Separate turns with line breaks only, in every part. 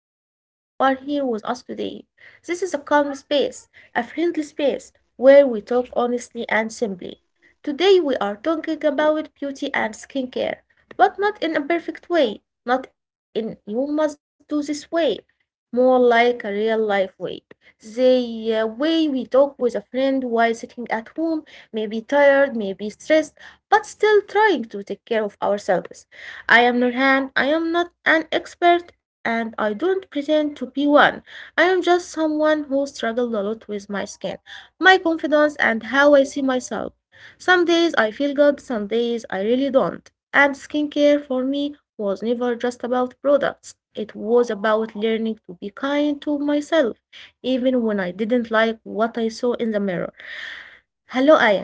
am really happy you are here with us today. This is a calm space, a friendly space, where we talk honestly and simply. Today, we are talking about beauty and skincare, but not in a perfect way, not in you must do this way, more like a real life way. The way we talk with a friend while sitting at home, maybe tired, maybe stressed, but still trying to take care of ourselves. I am Nurhan. I am not an expert and I don't pretend to be one. I am just someone who struggled a lot with my skin, my confidence, and how I see myself. Some days I feel good, some days I really don't. And skincare for me was never just about products, it was about learning to be kind to myself, even when I didn't like what I saw in the mirror. Hello, Aya.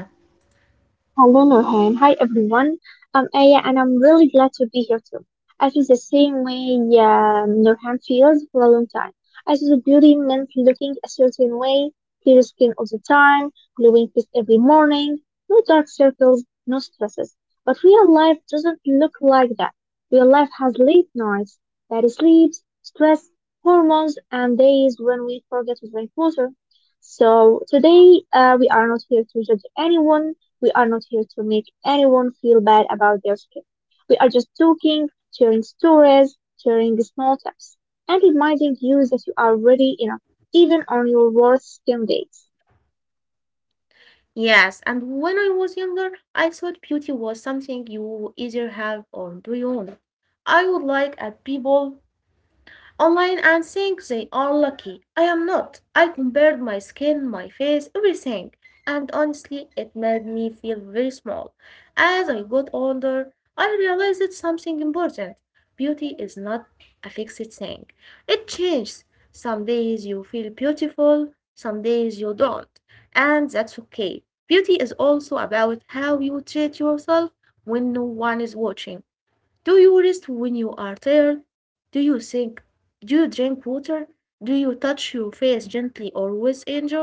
Hello, Nurhan. Hi, everyone. I'm Aya, and I'm really glad to be here too. I feel the same way Nurhan feels for a long time. I saw the beauty meant looking a certain way, clear skin all the time, glowing face every morning, no dark circles, no stresses. But real life doesn't look like that. Real life has late nights, bad sleeps, stress, hormones, and days when we forget to drink water. So today, we are not here to judge anyone, we are not here to make anyone feel bad about their skin. We are just talking, sharing stories, sharing small tips, and reminding you that you are ready enough, even on your worst skin days.
Yes, and when I was younger, I thought beauty was something you either have or do you own. I would like at people online and think they are lucky. I am not. I compared my skin, my face, everything. And honestly, it made me feel very small. As I got older, I realized something important. Beauty is not a fixed thing. It changes. Some days you feel beautiful, some days you don't. And that's okay. Beauty is also about how you treat yourself when no one is watching. Do you rest when you are tired? Do you think? Do you drink water? Do you touch your face gently or with anger?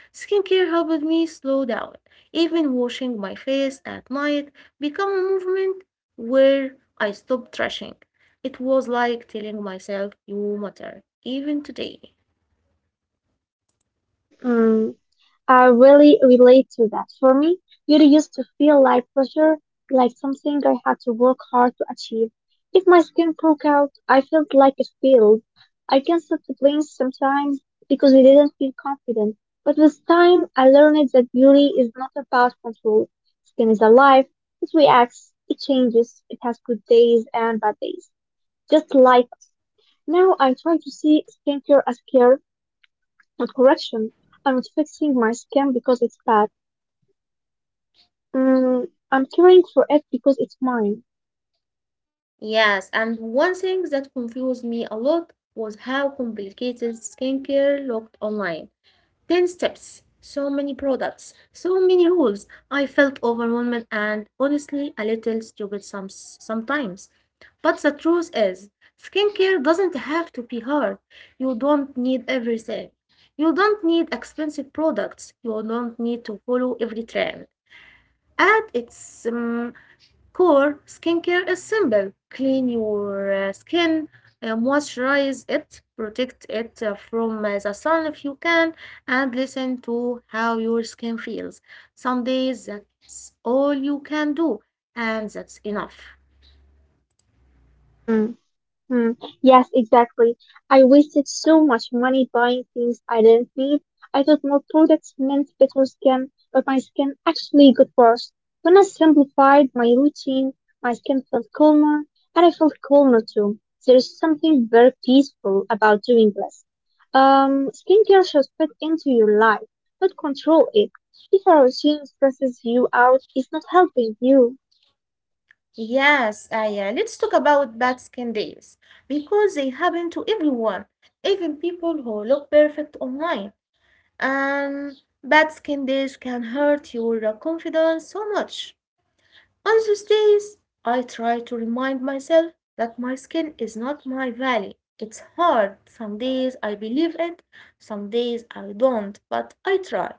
Skincare helped me slow down. Even washing my face at night became a movement where I stopped trashing. It was like telling myself, You matter, even today.
Mm, I really relate to that. For me, beauty used to feel like pressure, like something I had to work hard to achieve. If my skin broke out, I felt like it failed. I canceled the plans sometimes because we didn't feel confident. But with time, I learned that beauty is not about control. Skin is alive. It reacts. It changes. It has good days and bad days. Just like us. Now I try to see skincare as care, not correction. I'm not fixing my skin because it's bad. Mm, I'm caring for it because it's mine.
Yes, and one thing that confused me a lot was how complicated skincare looked online. 10 steps, so many products, so many rules. I felt overwhelmed and honestly a little stupid sometimes. But the truth is, skincare doesn't have to be hard. You don't need everything. You don't need expensive products. You don't need to follow every trend. And it's Core skincare is simple. Clean your skin, moisturize it, protect it from the sun if you can, and listen to how your skin feels. Some days that's all you can do, and that's enough.
Mm, mm, yes, exactly. I wasted so much money buying things I didn't need. I thought more products meant better skin, but my skin actually got worse. When I simplified my routine, my skin felt calmer, and I felt calmer too. There is something very peaceful about doing this. Skincare should fit into your life, not control it. If a routine stresses you out, it's not helping you.
Yes, Aya. Let's talk about bad skin days because they happen to everyone, even people who look perfect online. And bad skin days can hurt your confidence so much. On those days, I try to remind myself that my skin is not my value. It's hard. Some days I believe it, some days I don't, but I try.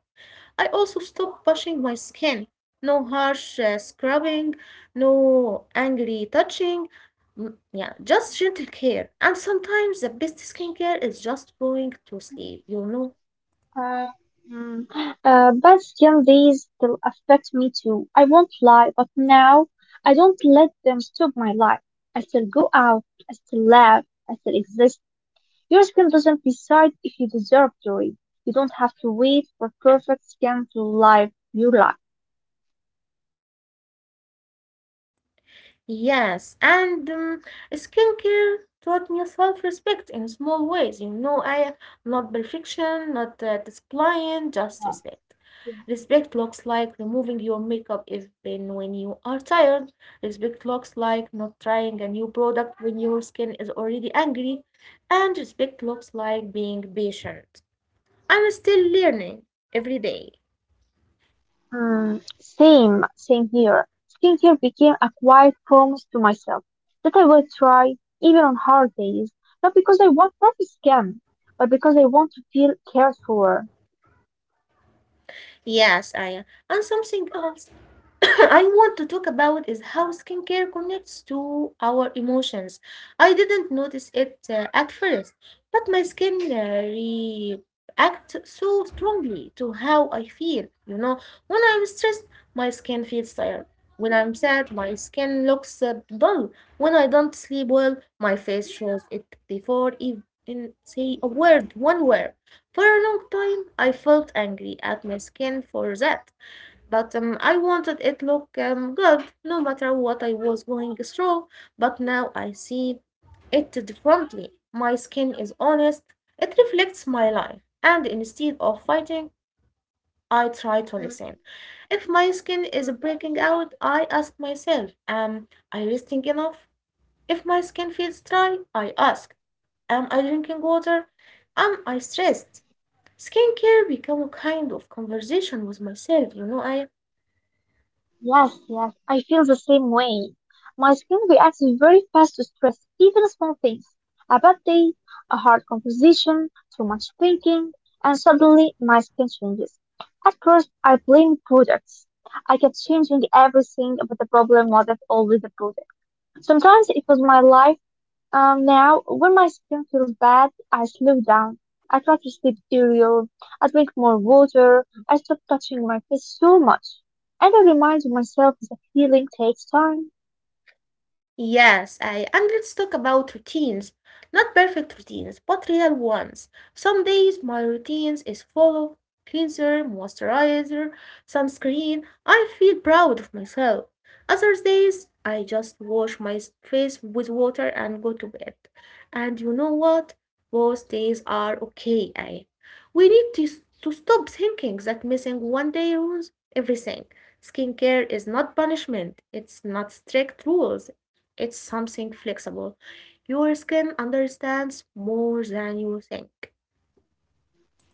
I also stop pushing my skin. No harsh scrubbing, no angry touching. Mm, yeah, just gentle care. And sometimes the best skincare is just going to sleep, you know?
Uh, mm, but Gen Zs still affect me too. I won't lie, but now I don't let them stop my life. I still go out, I still laugh, I still exist. Your skin doesn't decide if you deserve joy. You don't have to wait for perfect skin to live your life.
Yes, and skincare taught me self-respect in small ways. You know, I not perfection, not displaying, just respect. Respect looks like removing your makeup even when you are tired. Respect looks like not trying a new product when your skin is already angry. And respect looks like being patient. I'm still learning every day.
Same, same here. Skincare became a quiet promise to myself that I will try, even on hard days, not because I want perfect skin, but because I want to feel cared for.
Yes, I and something else. I want to talk about is how skincare connects to our emotions. I didn't notice it at first, but my skin reacts so strongly to how I feel. You know, when I'm stressed, my skin feels tired. When I'm sad, my skin looks dull. When I don't sleep well, my face shows it before even say a word, one word. For a long time, I felt angry at my skin for that. But I wanted it look good no matter what I was going through. But now I see it differently. My skin is honest. It reflects my life. And instead of fighting, I try to
Mm,
listen. If my skin is
mm.
breaking out, I ask myself, am I resting enough? If my skin feels dry, I ask, am I drinking water? Am I stressed? Skincare become a kind of conversation with myself, you know, I
Yes, yes, I feel the same way. My skin reacts very fast to stress, even small things. A bad day, a hard conversation, too much thinking, and suddenly my skin changes. At first, I blamed products. I kept changing everything, but the problem wasn't always the product. Sometimes it was my life. Now, when my skin feels bad, I slow down. I try to sleep cereal. I drink more water. I stop touching my face so much. And I remind myself that healing takes time.
Yes, I and let's talk about routines. Not perfect routines, but real ones. Some days my routines is full of cleanser, moisturizer, sunscreen. I feel proud of myself. Other days I just wash my face with water and go to bed. And you know what? Both days are okay. I We need to stop thinking that missing one day ruins everything. Skincare is not punishment. It's not strict rules. It's something flexible. Your skin understands more than you think.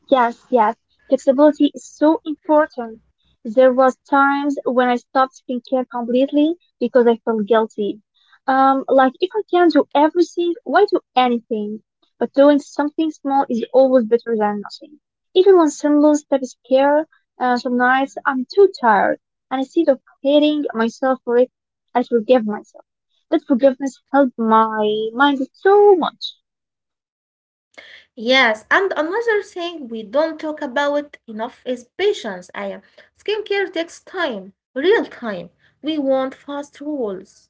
Yes, yes. Flexibility is so important. There was times when I stopped skincare completely because I felt guilty. Like if I can do everything, why do anything? But doing something small is always better than nothing. Even when simple step is care, some nights I'm too tired, and instead of hating myself for it, I forgive myself. That forgiveness helped my mind so much.
Yes, and another thing we don't talk about enough is patience. I Skincare takes time, real time. We want fast rules.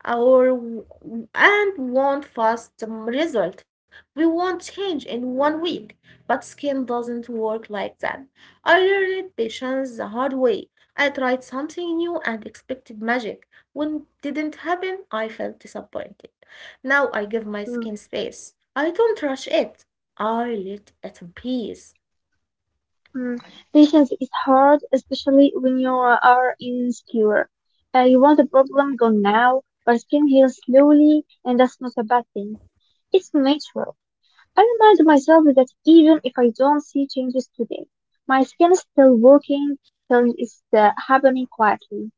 Or and want fast result. We want change in one week, but skin doesn't work like that. I learned patience the hard way. I tried something new and expected magic. When didn't happen, I felt disappointed. Now I give my skin space. I don't rush it. I let it breathe.
Mm, Patience is hard, especially when you are insecure. You want the problem gone now, but skin heals slowly, and that's not a bad thing. It's natural. I remind myself that even if I don't see changes today, my skin is still working, healing is happening quietly.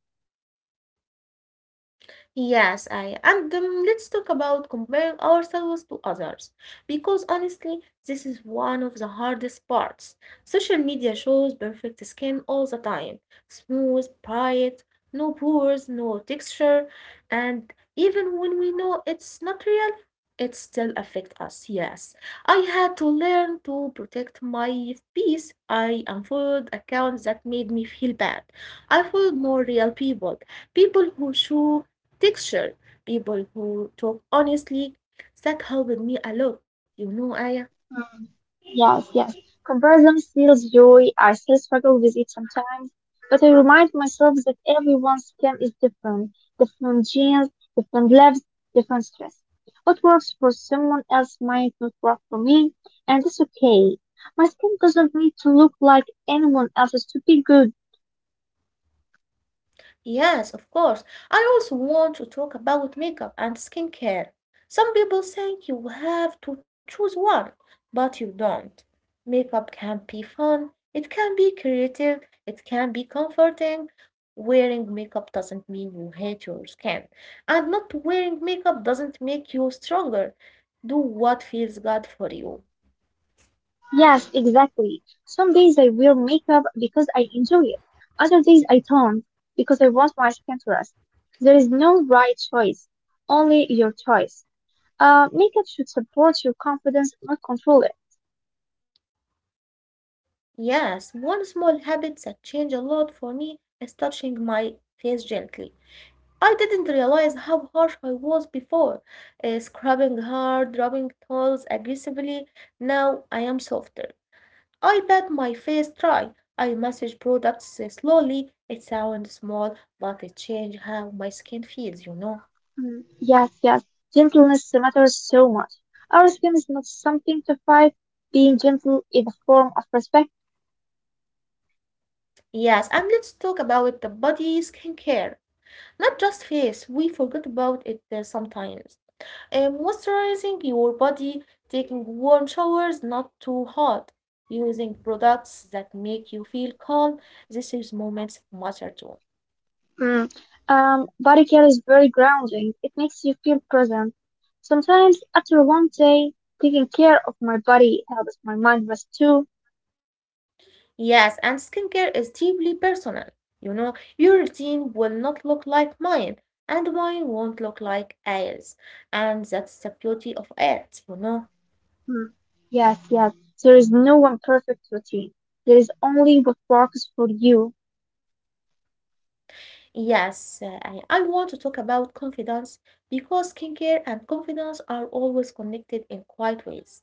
Yes, I and let's talk about comparing ourselves to others because honestly, this is one of the hardest parts. Social media shows perfect skin all the time, smooth, bright, no pores, no texture, and even when we know it's not real, it still affects us. Yes, I had to learn to protect my peace. I unfollowed accounts that made me feel bad. I followed more real people who show texture. People who talk honestly, that helped me a lot, you know, Aya.
Mm, Yes, yes. Comparison steals joy. I still struggle with it sometimes, but I remind myself that everyone's skin is different, different genes, different lives, different stress. What works for someone else might not work for me, and it's okay. My skin doesn't need to look like anyone else's to be good.
Yes, of course. I also want to talk about makeup and skincare. Some people think you have to choose one, but you don't. Makeup can be fun, it can be creative, it can be comforting. Wearing makeup doesn't mean you hate your skin, and not wearing makeup doesn't make you stronger. Do what feels good for you.
Yes, exactly. Some days I wear makeup because I enjoy it. Other days I don't because I want my skin to rest. There is no right choice, only your choice. Makeup should support your confidence, not control it.
Yes, one small habit that changed a lot for me is touching my face gently. I didn't realize how harsh I was before, scrubbing hard, rubbing towels aggressively. Now I am softer. I pat my face dry. I massage products slowly. It sounds small, but it changes how my skin feels, you know.
Mm, yes, yes. Gentleness matters so much. Our skin is not something to fight. Being gentle is a form of respect.
Yes, and let's talk about the body skincare. Not just face, we forget about it sometimes. And moisturizing your body, taking warm showers, not too hot, using products that make you feel calm. This is moments matter too.
Mm. Body care is very grounding. It makes you feel present. Sometimes after one day, taking care of my body helps my mind rest too.
Yes, and skincare is deeply personal. You know, your routine will not look like mine, and mine won't look like Ayers. And that's the beauty of it, you know.
Mm. Yes, yes. There is no one perfect routine. There is only what works for you.
Yes, I want to talk about confidence because skincare and confidence are always connected in quiet ways.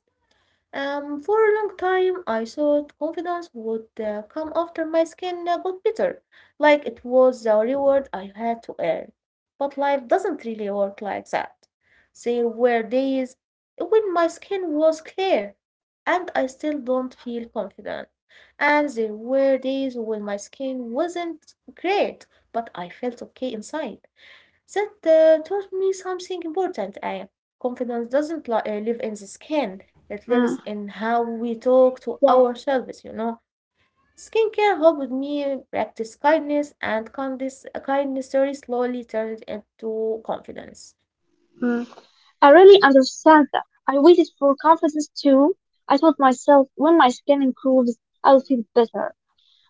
For a long time, I thought confidence would come after my skin got better, like it was a reward I had to earn. But life doesn't really work like that. There were days when my skin was clear and I still don't feel confident, and there were days when my skin wasn't great, but I felt okay inside. That taught me something important, Aya. Confidence doesn't live in the skin, it
Mm.
lives in how we talk to
Yes.
ourselves, you know. Skincare helped me practice kindness, and kindness story slowly turned into confidence.
Mm. I really understand that. I waited for confidence too. I told myself when my skin improves, I'll feel better,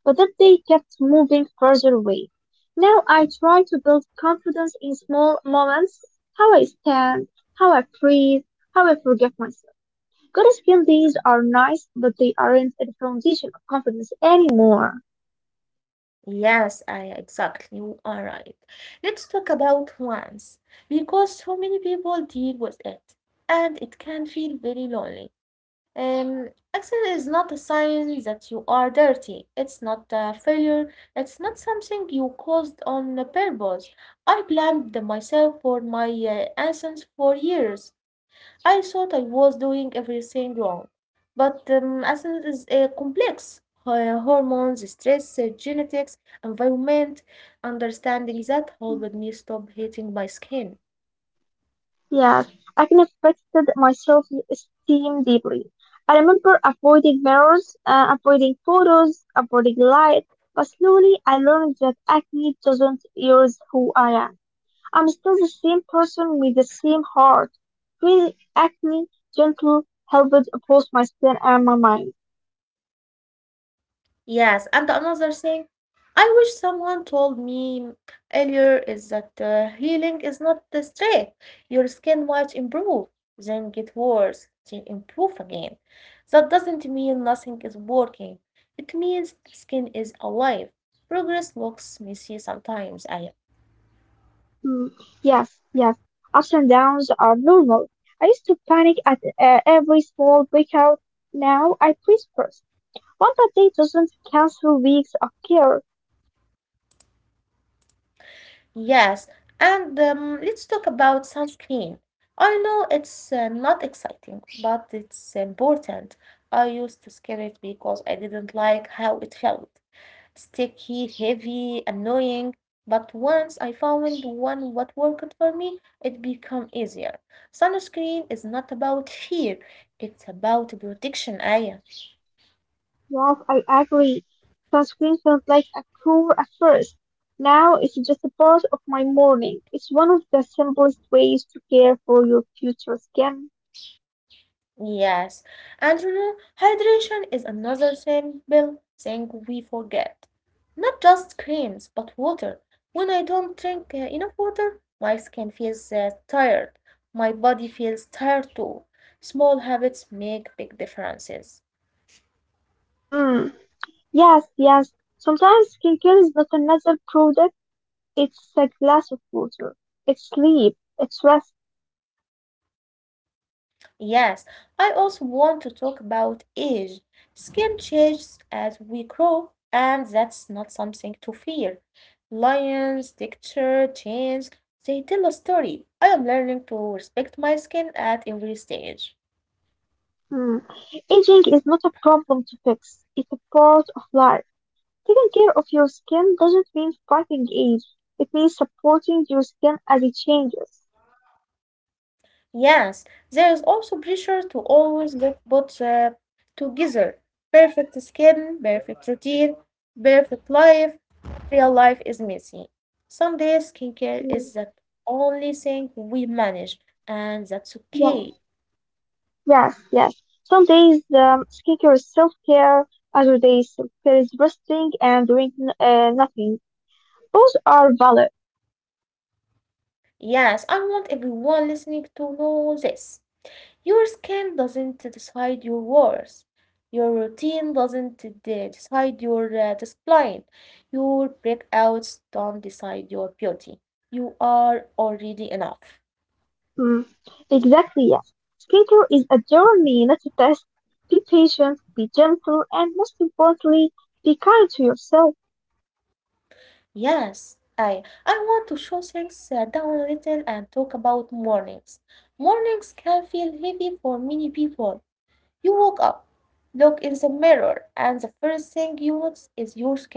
but that they kept moving further away. Now I try to build confidence in small moments, how I stand, how I breathe, how I forgive myself. Good skill days are nice, but they aren't the foundation of confidence anymore.
Yes, I exactly. You are right. Let's talk about once, because so many people deal with it, and it can feel very lonely. Accident is not a sign that you are dirty. It's not a failure. It's not something you caused on purpose. I blamed myself for my actions for years. I thought I was doing everything wrong. But accident is complex. Hormones, stress, genetics, environment, understanding that helped me stop hating my skin.
Yes, I can affected my self-esteem deeply. I remember avoiding mirrors, avoiding photos, avoiding light, but slowly I learned that acne doesn't erase who I am. I'm still the same person with the same heart, freely acting, gentle, helped across my skin and my mind.
Yes, and another thing, I wish someone told me earlier is that healing is not the straight. Your skin might improve, then get worse, then improve again. That doesn't mean nothing is working. It means skin is alive. Progress looks messy sometimes, I
Mm, yes, yes, ups and downs are normal. I used to panic at every small breakout. Now I freeze first. One bad day doesn't cancel weeks of care.
Yes, and let's talk about sunscreen. I know it's not exciting, but it's important. I used to skip it because I didn't like how it felt. Sticky, heavy, annoying. But once I found one what worked for me, it became easier. Sunscreen is not about fear, it's about protection, Aya.
Yes, I agree. Sunscreen felt like a cure at first. Now it's just a part of my morning. It's one of the simplest ways to care for your future skin.
Yes, and you know, hydration is another simple thing we forget. Not just creams, but water. When I don't drink enough water, my skin feels tired. My body feels tired too. Small habits make big differences.
Mm. Yes, yes. Sometimes skincare is not another product, it's a glass of water. It's sleep, it's rest.
Yes, I also want to talk about age. Skin changes as we grow, and that's not something to fear. Lines, texture, change, they tell a story. I am learning to respect my skin at every stage.
Mm. Aging is not a problem to fix, it's a part of life. Taking care of your skin doesn't mean fighting age, it means supporting your skin as it changes.
Yes, there is also pressure to always look both together. Perfect skin, perfect routine, perfect life. Real life is messy. Some days skincare
Mm.
is the only thing we manage, and that's
Yeah.
okay.
Yes, yes. Some days skincare is self care, other days self care is resting and doing nothing. Both are valid.
Yes, I want everyone listening to know this. Your skin doesn't decide your worth. Your routine doesn't decide your discipline. Your breakouts don't decide your beauty. You are already enough.
Mm, exactly, yes. Skincare is a journey, not a test. Be patient, be gentle, and most importantly, be kind to yourself.
Yes, I want to show things down a little and talk about mornings. Mornings can feel heavy for many people. You woke up, look in the mirror, and the first thing you notice is your skin,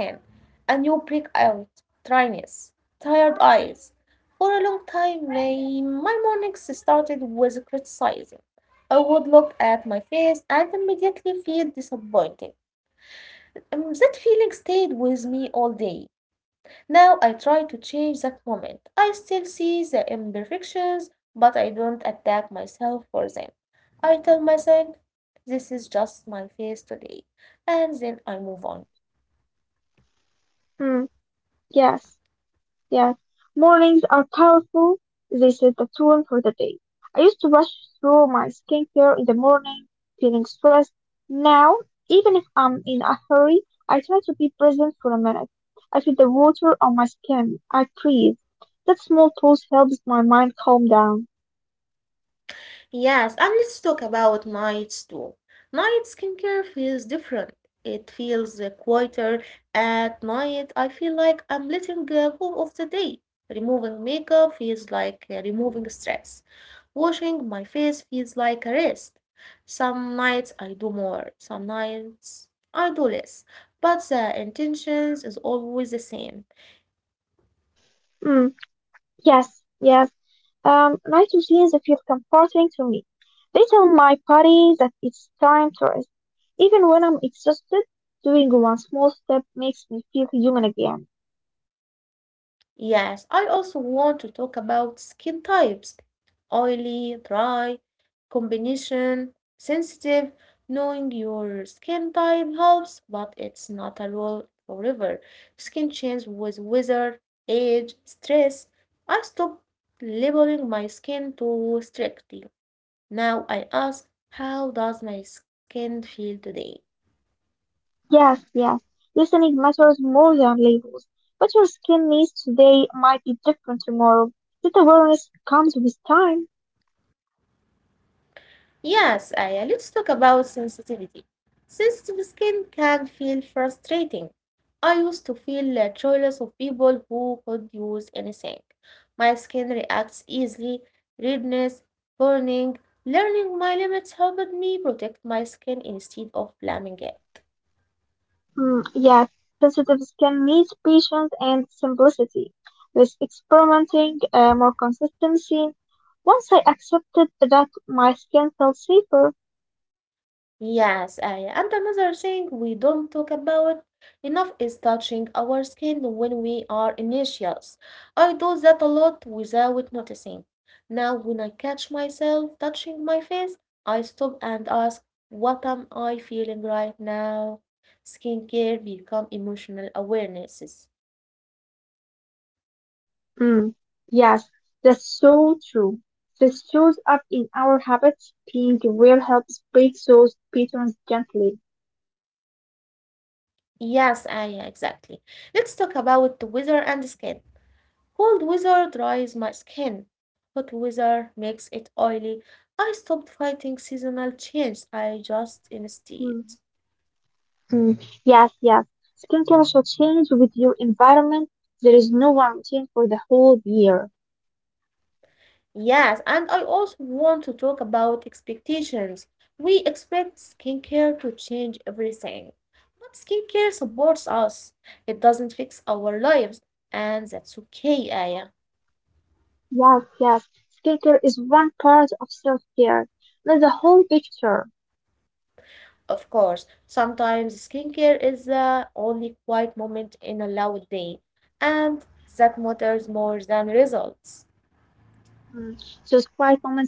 and you break out dryness, tired eyes. For a long time, my mornings started with criticizing. I would look at my face and immediately feel disappointed. That feeling stayed with me all day. Now I try to change that moment. I still see the imperfections, but I don't attack myself for them. I tell myself, this is just my face today, and then I move on.
Mm, yes, yes. Mornings are powerful. They set the tone for the day. I used to rush through my skincare in the morning, feeling stressed. Now, even if I'm in a hurry, I try to be present for a minute. I feel the water on my skin. I breathe. That small pause helps my mind calm down.
Yes, and let's talk about nights too. Night skincare feels different. It feels quieter at night. I feel like I'm letting go of the day. Removing makeup feels like removing stress. Washing my face feels like a rest. Some nights I do more, some nights I do less, but the intentions is always the same.
Mm. Yes, yes. Night routines that feel comforting to me. They tell my body that it's time to rest. Even when I'm exhausted, doing one small step makes me feel human again.
Yes, I also want to talk about skin types, oily, dry, combination, sensitive. Knowing your skin type helps, but it's not a rule forever. Skin change with weather, age, stress. I stopped labeling my skin too strictly. Now I ask, how does my skin feel today?
Yes, yes. Listening matters more than labels. What your skin needs today might be different tomorrow. That awareness comes with time.
Yes, Aya, let's talk about sensitivity. Sensitive skin can feel frustrating. I used to feel jealous of people who could use anything. My skin reacts easily, redness, burning. Learning my limits helped me protect my skin instead of blaming it.
Mm, yes, sensitives can need patience and simplicity. Less experimenting, more consistency. Once I accepted that my skin felt safer,
Yes, Aya. And another thing we don't talk about enough is touching our skin when we are anxious. I do that a lot without noticing. Now, when I catch myself touching my face, I stop and ask, what am I feeling right now? Skincare become emotional awarenesses.
mm, yes, that's so true. This shows up in our habits. Being aware helps break those patterns gently.
Yes, Aya, exactly. Let's talk about the weather and skin. Cold weather dries my skin. Hot weather makes it oily. I stopped fighting seasonal change. I just instead.
Mm, mm, Yes, yes. Skincare should change with your environment. There is no one routine for the whole year.
Yes, and I also want to talk about expectations. We expect skincare to change everything, but skincare supports us. It doesn't fix our lives, and that's okay, Aya.
Yes, yes. Skincare is one part of self-care, not the whole picture.
Of course, sometimes skincare is the only quiet moment in a loud day, and that matters more than results.
Mm. Those quiet moments add up.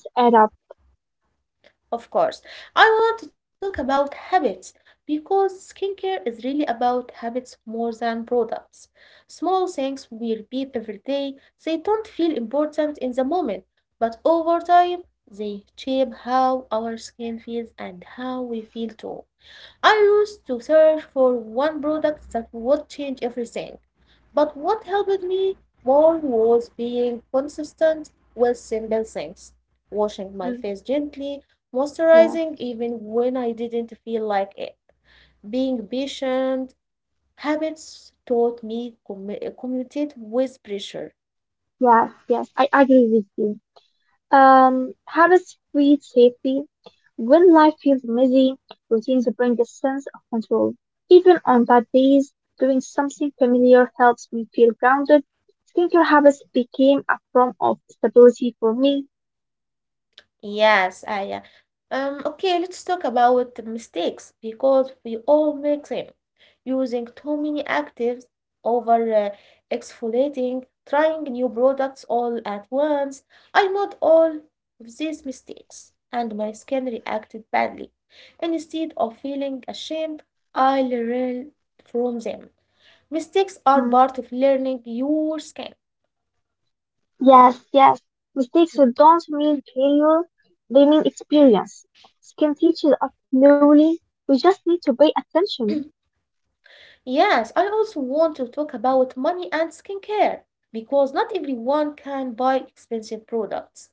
Of course, I want to talk about habits because skincare is really about habits more than products. Small things we repeat every day, they don't feel important in the moment, but over time, they shape how our skin feels and how we feel too. I used to search for one product that would change everything, but what helped me more was being consistent with simple things. Washing my
Mm.
face gently,
Yeah,
moisturizing even when I didn't feel like it, being patient. Habits taught me communicate with pressure.
yes, yes. I agree with you. Habits feed safety. When life feels messy, routines bring a sense of control. Even on bad days, doing something familiar helps me feel grounded. Skincare habits became a form of stability for me.
Yes, ah, yeah. Okay, let's talk about the mistakes because we all make them. Using too many actives, over exfoliating, trying new products all at once. I made all of these mistakes, and my skin reacted badly. Instead of feeling ashamed, I learned from them. Mistakes are
Mm.
part of learning your skin.
Yes, yes. Mistakes don't mean failure, they mean experience. Skin teaches us slowly. We just need to pay attention.
Yes, I also want to talk about money and skincare because not everyone can buy expensive products.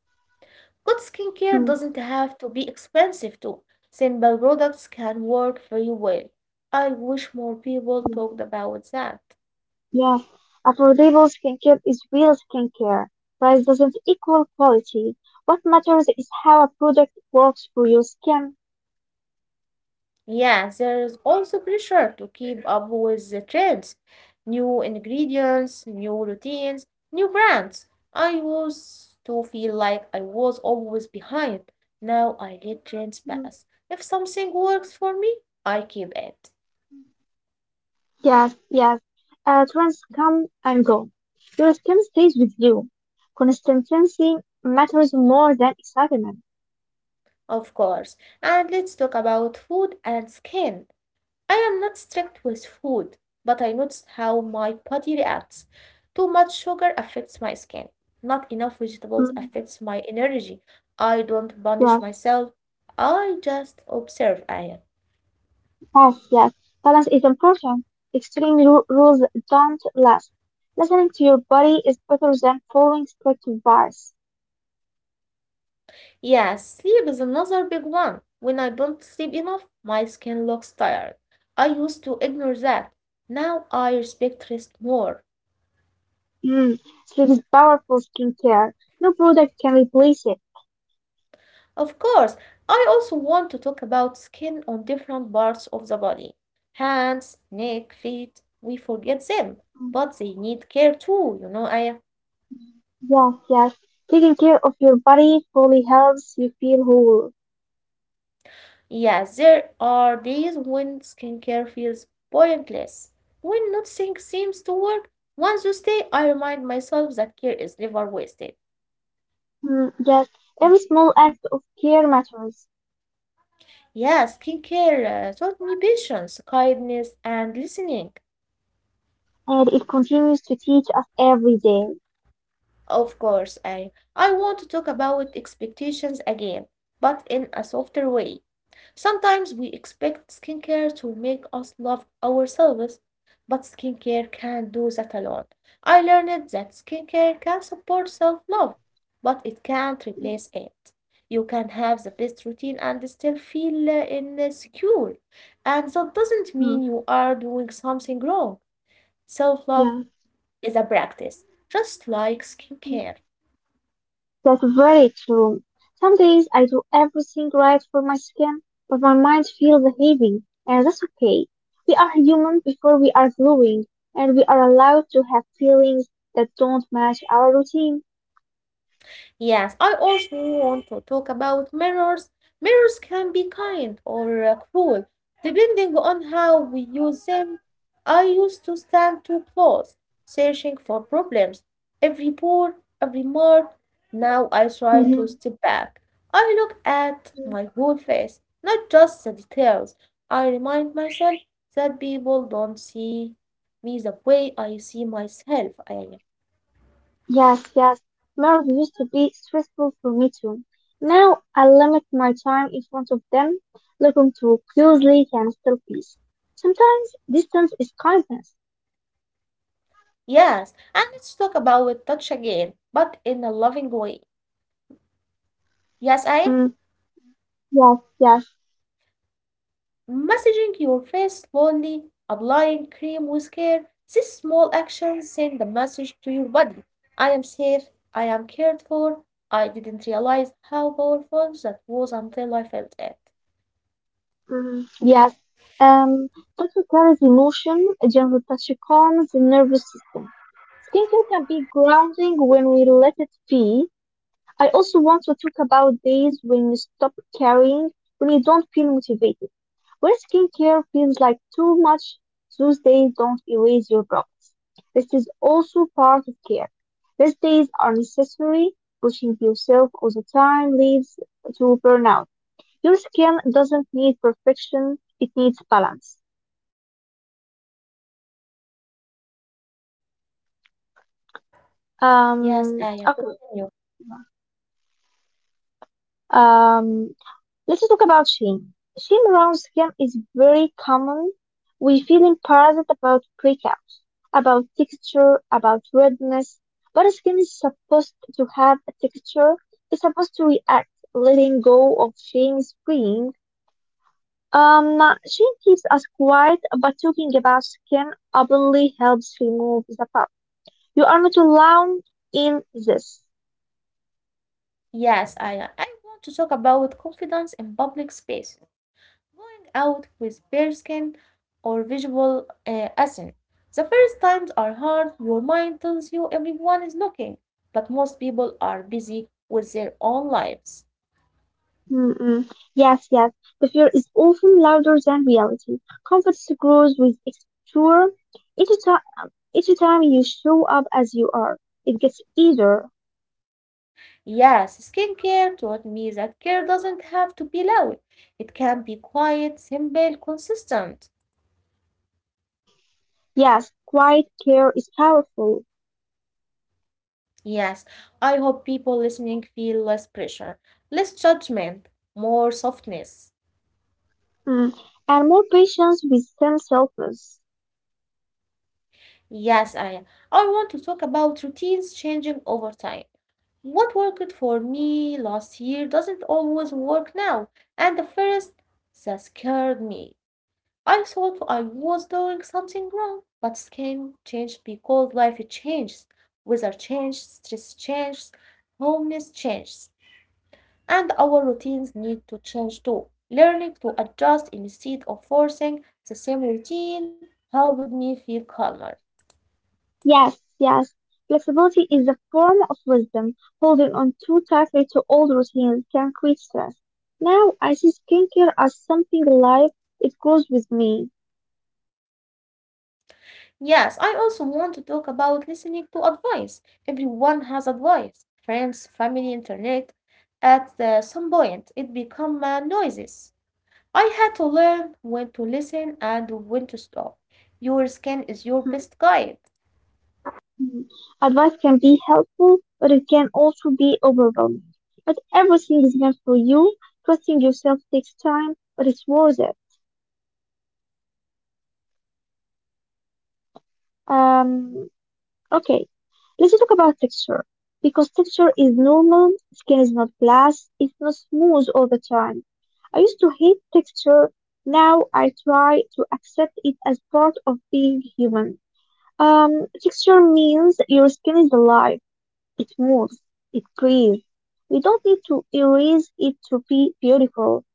Good skincare
Mm,
doesn't have to be expensive too. Simple products can work very well. I wish more people talked about that.
Yes, affordable skincare is real skincare. Price doesn't equal quality. What matters is how a product works for your skin.
Yes, there is also pressure to keep up with the trends, new ingredients, new routines, new brands. I used to feel like I was always behind. Now I let trends
Mm.
pass. If something works for me, I keep it.
Yes, yes. Trends come and go. Your skin stays with you. Consistency matters more than excitement.
Of course. And let's talk about food and skin. I am not strict with food, but I notice how my body reacts. Too much sugar affects my skin. Not enough vegetables
Mm.
affects my energy. I don't punish
Yes.
myself. I just observe I.
Yes, yes. Balance is important. Extreme rules don't last. Listening to your body is better than following strict bars.
Yes, sleep is another big one. When I don't sleep enough, my skin looks tired. I used to ignore that. Now I respect rest more.
Mm. Sleep is powerful skincare. No product can replace it.
Of course, I also want to talk about skin on different parts of the body. Hands, neck, feet, we forget them, but
Mm.
they need care too, you know, Aya.
Yes, yes. Taking care of your body fully helps you feel whole.
Yeah, there are days when skincare feels pointless, when nothing seems to work. Once you stay, I remind myself that care is never wasted.
Mm. Yes, every small act of care matters,
Yeah, skincare taught me patience, kindness, and listening.
and it continues to teach us every day.
Of course, I want to talk about expectations again, but in a softer way. Sometimes we expect skincare to make us love ourselves, but skincare can't do that alone. I learned that skincare can support self-love, but it can't replace it. You can have the best routine and still feel insecure, and that doesn't mean
Mm.
you are doing something wrong. Self-love
Yes.
is a practice, just like skincare.
That's very true. Some days I do everything right for my skin, but my mind feels heavy, and that's okay. We are human before we are growing, and we are allowed to have feelings that don't match our routine.
Yes, I also want to talk about mirrors. Mirrors can be kind or cruel, depending on how we use them. I used to stand too close, searching for problems, every pore, every mark. Now I try to
Mhm.
step back. I look at my whole face, not just the details. I remind myself that people don't see me the way I see myself. I.
Yes, yes. Mirrors used to be stressful for me too. Now I limit my time in front of them. Looking too closely can still peace. Sometimes distance is kindness.
Yes, and let's talk about with touch again, but in a loving way. Yes, I
Mm.
am
Yes, yes.
massaging your face slowly, applying cream with care. These small actions send a message to your body. I am safe, I am cared for. I didn't realize how powerful that was until I felt it.
Mm, yes. Um, Touch carries emotion, a gentle touch calms the nervous system. Skincare can be grounding when we let it be. I also want to talk about days when you stop caring, when you don't feel motivated. When skincare feels like too much, those days don't erase your problems. This is also part of care. These days are necessary. Pushing yourself all the time leads to burnout. Your skin doesn't need perfection, it needs balance.
Yes, I
Okay,
continue.
um, let's talk about shame. Shame around skin is very common. We feel embarrassed about breakouts, about texture, about redness. But skin is supposed to have a texture. It's supposed to react, letting go of shame freeing. Um, Shame keeps us quiet, but talking about skin openly helps remove the past. You are not alone in this.
Yes, I want to talk about confidence in public space, going out with bare skin or visual assent. The first times are hard, your mind tells you everyone is looking, but most people are busy with their own lives.
Mm-mm. Yes, yes. The fear is often louder than reality. Confidence grows with exposure. Each, ti- each time you show up as you are, it gets easier.
Yes, skincare taught me that care doesn't have to be loud. It can be quiet, simple, consistent.
Yes, quiet care is powerful.
Yes, I hope people listening feel less pressure, less judgment, more softness.
Mm. And more patience with themselves.
Yes, I want to talk about routines changing over time. What worked for me last year doesn't always work now. And at first, that scared me. I thought I was doing something wrong, but skin changed because life changes, weather changes, stress changes, homeless changes, and our routines need to change too. Learning to adjust instead of forcing the same routine helped me feel calmer.
Yes, yes. Flexibility is a form of wisdom. Holding on too tightly to old routines can create stress. Now I see skincare as something alive. It grows with me.
Yes, I also want to talk about listening to advice. Everyone has advice, friends, family, internet. At some point, it become noises. I had to learn when to listen and when to stop. Your skin is your best guide.
Mhm. Advice can be helpful, but it can also be overwhelming. But everything is meant for you. Trusting yourself takes time, but it's worth it. Um, Okay, let's talk about texture. Because texture is normal, skin is not glass, it's not smooth all the time. I used to hate texture, now I try to accept it as part of being human. Texture means your skin is alive, it moves, it breathes. We don't need to erase it to be beautiful.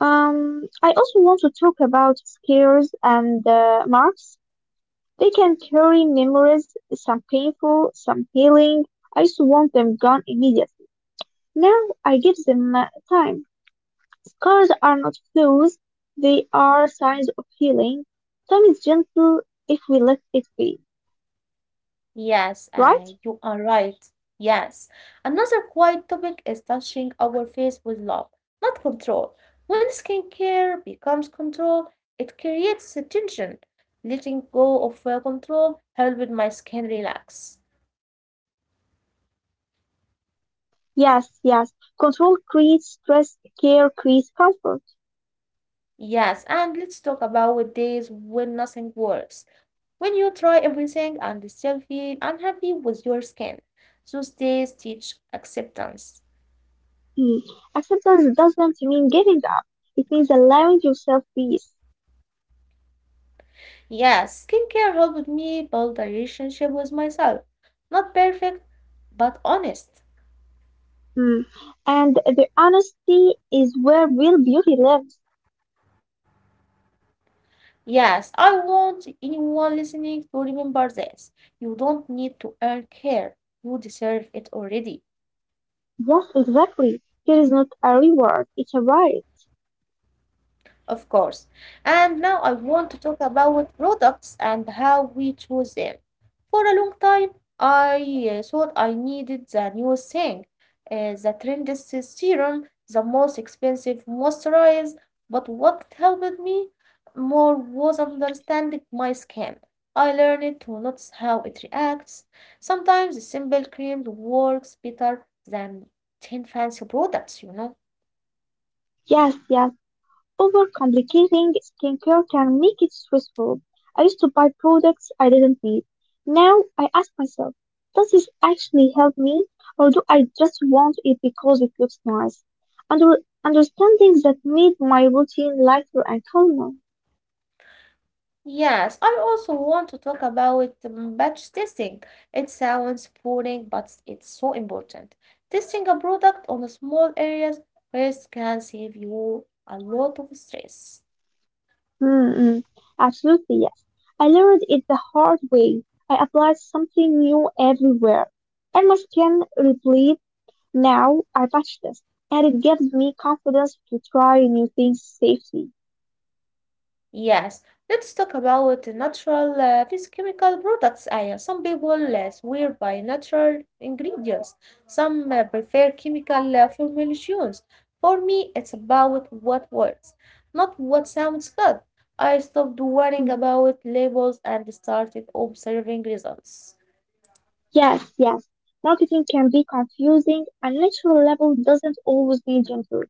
I also want to talk about scars and marks. They can carry memories, some painful, some healing. I just want them gone immediately. Now I give them time. Scars are not flaws, they are signs of healing. Time is gentle if we let it be.
Yes,
Right?
you are right. Yes. Another quiet topic is touching our face with love, not control. When skincare becomes control, it creates a tension. Letting go of control helped my skin relax.
Yes, yes. Control creates stress, care creates comfort.
Yes, and let's talk about days when nothing works. When you try everything and still feel unhappy with your skin, those days teach acceptance.
Mm. Acceptance doesn't mean giving up. It means allowing yourself peace.
Yeah, skincare helped me build a relationship with myself. Not perfect, but honest.
Mm. And the honesty is where real beauty lives.
Yes, I want anyone listening to remember this. You don't need to earn care, you deserve it already.
Yes, exactly. Here is not a reward, it's a right.
Of course. And now I want to talk about products and how we choose them. For a long time, I thought I needed the newest thing, the trendiest serum, the most expensive moisturizer. But what helped me more was understanding my skin. I learned to notice how it reacts. Sometimes a simple cream works better than 10 fancy products, you know.
Yes, yes. Overcomplicating skincare can make it stressful. I used to buy products I didn't need. Now I ask myself, does this actually help me? Or do I just want it because it looks nice? Under Understanding that made my routine lighter and calmer.
Yes, I also want to talk about batch testing. It sounds boring, but it's so important. Testing a product on a small areas first can save you a lot of stress.
Mm-mm. Absolutely, yes. I learned it the hard way. I applied something new everywhere and my skin replayed. Now I patch this, and it gives me confidence to try new things safely.
Yes, let's talk about the natural physical products. Yeah, some people swear by natural ingredients. Some prefer chemical formulations. For me, it's about what works, not what sounds good. I stopped worrying
Mm.
about labels and started observing results.
Yes, yes. Marketing can be confusing, and natural level doesn't always mean gentle.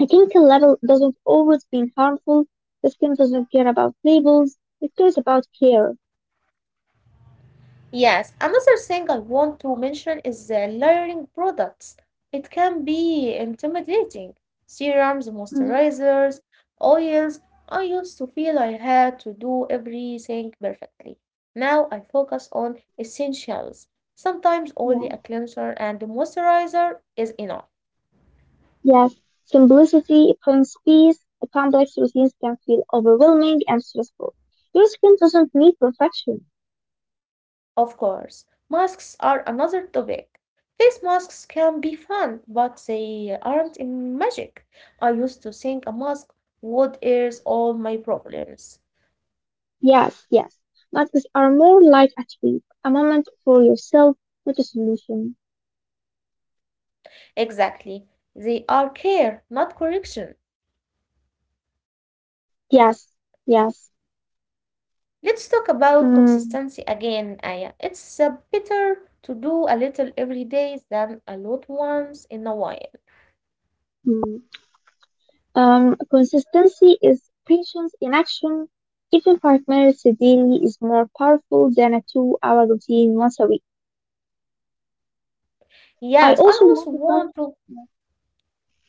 A chemical level doesn't always mean harmful. The skin doesn't care about labels. It cares about care.
Yes, another thing I want to mention is the layering products. It can be intimidating. Serums,
Mhm.
moisturizers, oils. I used to feel I had to do everything perfectly. Now I focus on essentials. Sometimes only
Yes,
a cleanser and moisturizer is enough.
yes. Simplicity brings peace. The complex routines can feel overwhelming and stressful. Your skin doesn't need perfection.
Of course, masks are another topic. Face masks can be fun, but they aren't in magic. I used to think a mask would erase all my problems.
Yes, yes. Masks are more like a treat, a moment for yourself, not a solution.
Exactly. They are care, not correction.
Mm. Yes, yes.
Let's talk about
Mm,
consistency again, Aya. It's better to do a little every day than a lot once in a while.
mm. Consistency is patience in action. Even 5 minutes daily is more powerful than a 2-hour routine once a week. I
Yes, I
also want
also
to talk.
want to.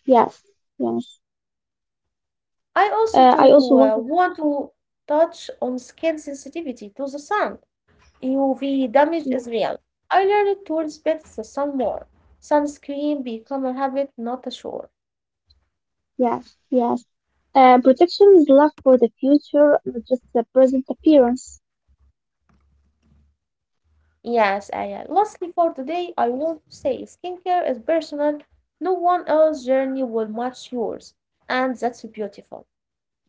Yes, yes.
I also
I also
to
want to.
want to touch on skin sensitivity to the sun. UV damage is
Mm.
real. I learned to respect the sun more. Sunscreen become a habit, not a chore.
Yes, yes. Protection is love for the future, not just the present appearance.
Yes, Aya. Lastly, for today, I want to say skincare is personal. No one else's journey will match yours, and that's beautiful.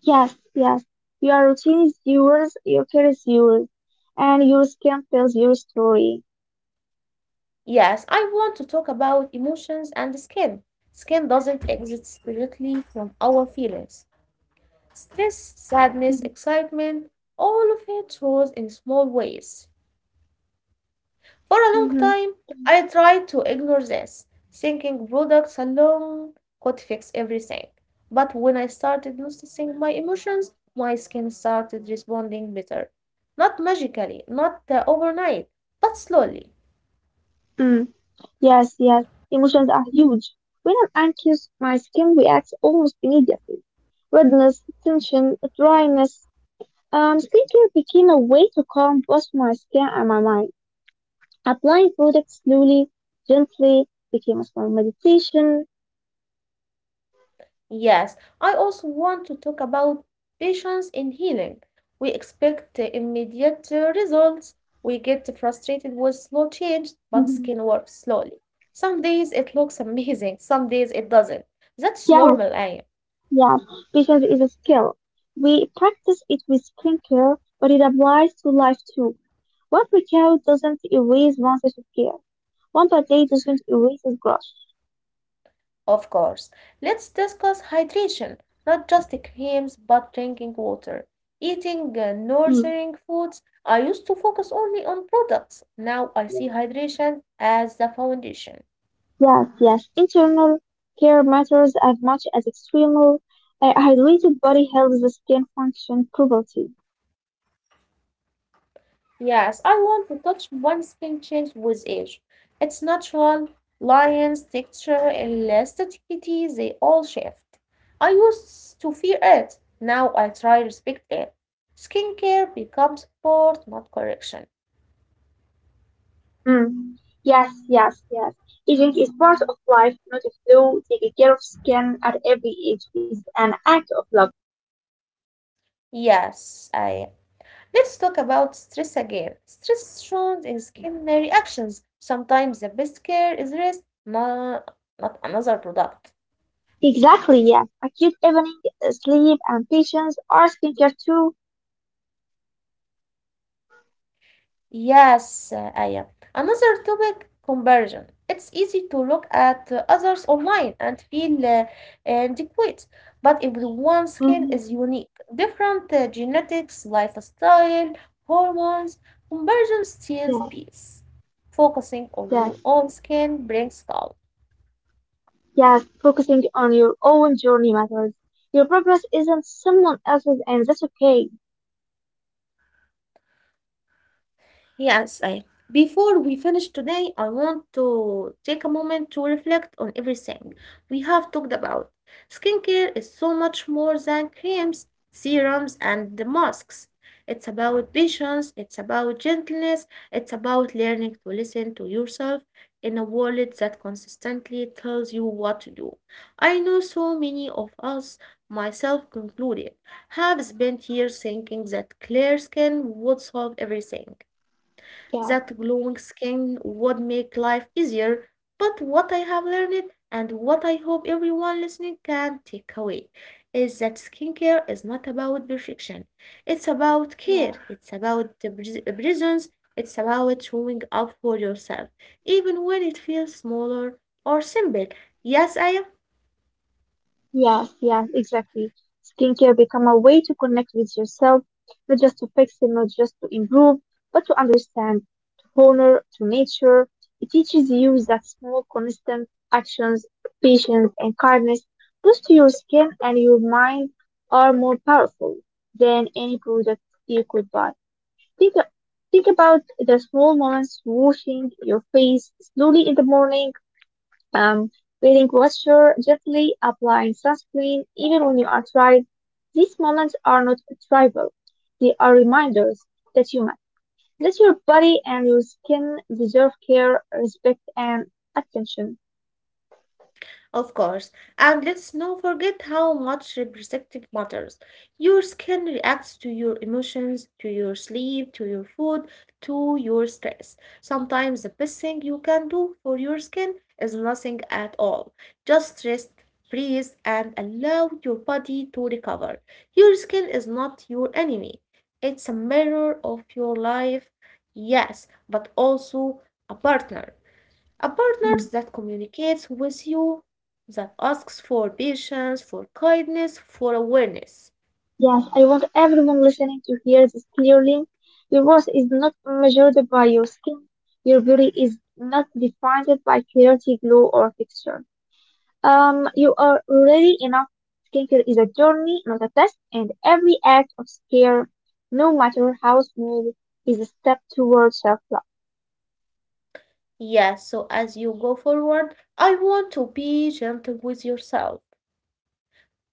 Yes, yes. Your routine is yours, your care is yours, and your skin tells your story.
Yes, I want to talk about emotions and skin. Skin doesn't exist separately from our feelings. Stress, sadness, excitement, all of it shows in small ways. For a long
Mm-hmm.
time, I tried to ignore this, thinking products alone could fix everything. But when I started noticing my emotions, my skin started responding better. Not magically, not overnight, but slowly.
Mm. Yes, yes. Emotions are huge. When I'm anxious, my skin reacts almost immediately. Redness, tension, dryness. Skincare became a way to calm both my skin and my mind. Applying products slowly, gently became a small meditation.
Yes, I also want to talk about patience in healing. We expect immediate results. We get frustrated with slow change, but
Mhm.
skin works slowly. Some days it looks amazing, some days it doesn't. That's
Yeah,
normal, I.
yeah, patience is a skill. We practice it with skincare, but it applies to life too. One workout doesn't erase one set of care. One bad day doesn't erase its growth.
Of course. Let's discuss hydration, not just the creams, but drinking water, eating
Mm.
nourishing foods. I used to focus only on products. Now I see hydration as the foundation.
Yes, yes. Internal care matters as much as external. A hydrated body helps the skin function properly.
Yes, I learned to touch one skin change with age. It's natural. Lines, texture, elasticity, they all shift. I used to fear it. Now I try respect it. Skincare becomes support, not correction.
Mm. Yes, yes, yes. Aging is part of life, not a flu. Taking care of skin at every age is an act of love.
Yes, I. Let's talk about stress again. Stress shows in skin reactions. Sometimes the best care is rest, not another product.
Exactly, yes. Acute evening sleep and patience are skincare too.
Yes, Aya. Another topic, comparison. It's easy to look at others online and feel inadequate, but everyone's skin
Mm,
is unique. Different genetics, lifestyle, hormones. Comparison steals
yes,
peace. Focusing on
yes,
your own skin brings calm.
yes. Focusing on your own journey matters. Your purpose isn't someone else's, and that's okay.
Yes, I. Before we finish today, I want to take a moment to reflect on everything we have talked about. Skincare is so much more than creams, serums, and the masks. It's about patience, it's about gentleness, it's about learning to listen to yourself in a world that consistently tells you what to do. I know so many of us, myself concluded, have spent years thinking that clear skin would solve everything.
Yeah.
That glowing skin would make life easier, but what I have learned and what I hope everyone listening can take away is that skincare is not about perfection. It's about care,
Yeah.
it's about the presence, it's about showing up for yourself, even when it feels smaller or simple. Yes, I.
Yes, yes, exactly. Skincare become a way to connect with yourself, not just to fix it, not just to improve, but to understand, to honor, to nature. It teaches you that small, constant actions, patience, and kindness, both to your skin and your mind, are more powerful than any product you could buy. Think, think about the small moments washing your face slowly in the morning, um, breathing posture, gently applying sunscreen even when you are tired. These moments are not trivial. They are reminders that you matter, that your body and your skin deserve care, respect, and attention.
Of course. And let's not forget how much representative matters. Your skin reacts to your emotions, to your sleep, to your food, to your stress. Sometimes the best thing you can do for your skin is nothing at all. Just rest, breathe, and allow your body to recover. Your skin is not your enemy. It's a mirror of your life, yes, but also a partner. A partner
Mm.
that communicates with you, that asks for patience, for kindness, for awareness.
Yes, I want everyone listening to hear this clearly. Your worth is not measured by your skin. Your beauty is not defined by clarity, glow, or texture. You are ready enough. Skincare is a journey, not a test, and every act of care, no matter how small, is a step towards self-love.
Yes, so as you go forward, I want to be gentle with yourself,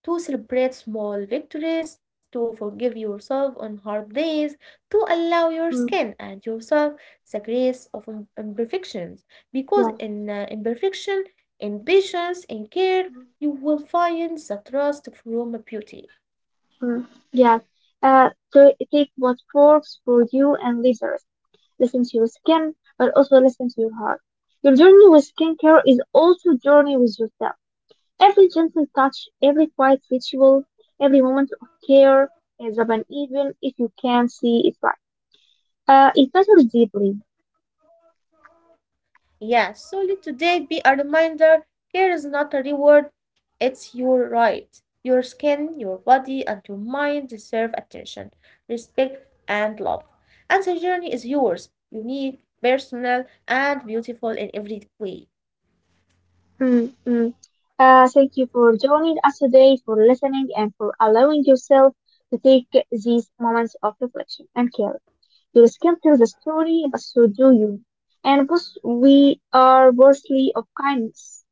to celebrate small victories, to forgive yourself on hard days, to allow your skin
Mm,
and yourself the grace of imperfections. Because
yeah.
in imperfection, in patience, in care, you will find the trust from beauty.
Mm, yes. So take what works for you and leave the rest. Listen to your skin, but also listen to your heart. Your journey with skincare is also a journey with yourself. Every gentle touch, every quiet ritual, every moment of care is uneven if you can see it right. It matters deeply.
Yeah, so let today be a reminder here is not a reward, it's your right. Your skin, your body, and your mind deserve attention, respect, and love. And the journey is yours, unique, personal, and beautiful in every way.
Mm, mm. Thank you for joining us today, for listening, and for allowing yourself to take these moments of reflection and care. Your skin tells the story, but so do you. And both we are worthy of kindness.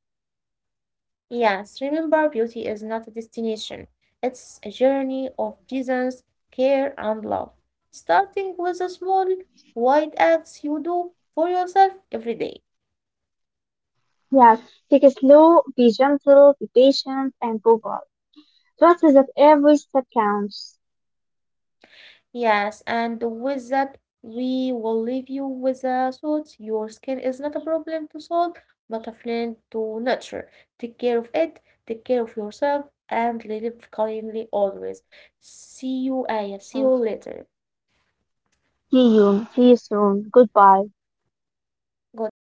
Yes, remember beauty is not a destination, it's a journey of presence, care, and love. Starting with the small, white acts you do for yourself every day.
Yes, take it slow, be gentle, be patient, and go on. Trust that every step counts.
Yes, and with that, we will leave you with the thought your skin is not a problem to solve, but a friend to nurture. Take care of it, take care of yourself, and live kindly always. See you, Aya. See you
Uh,
later.
See you. See you soon. Goodbye.
Goodbye.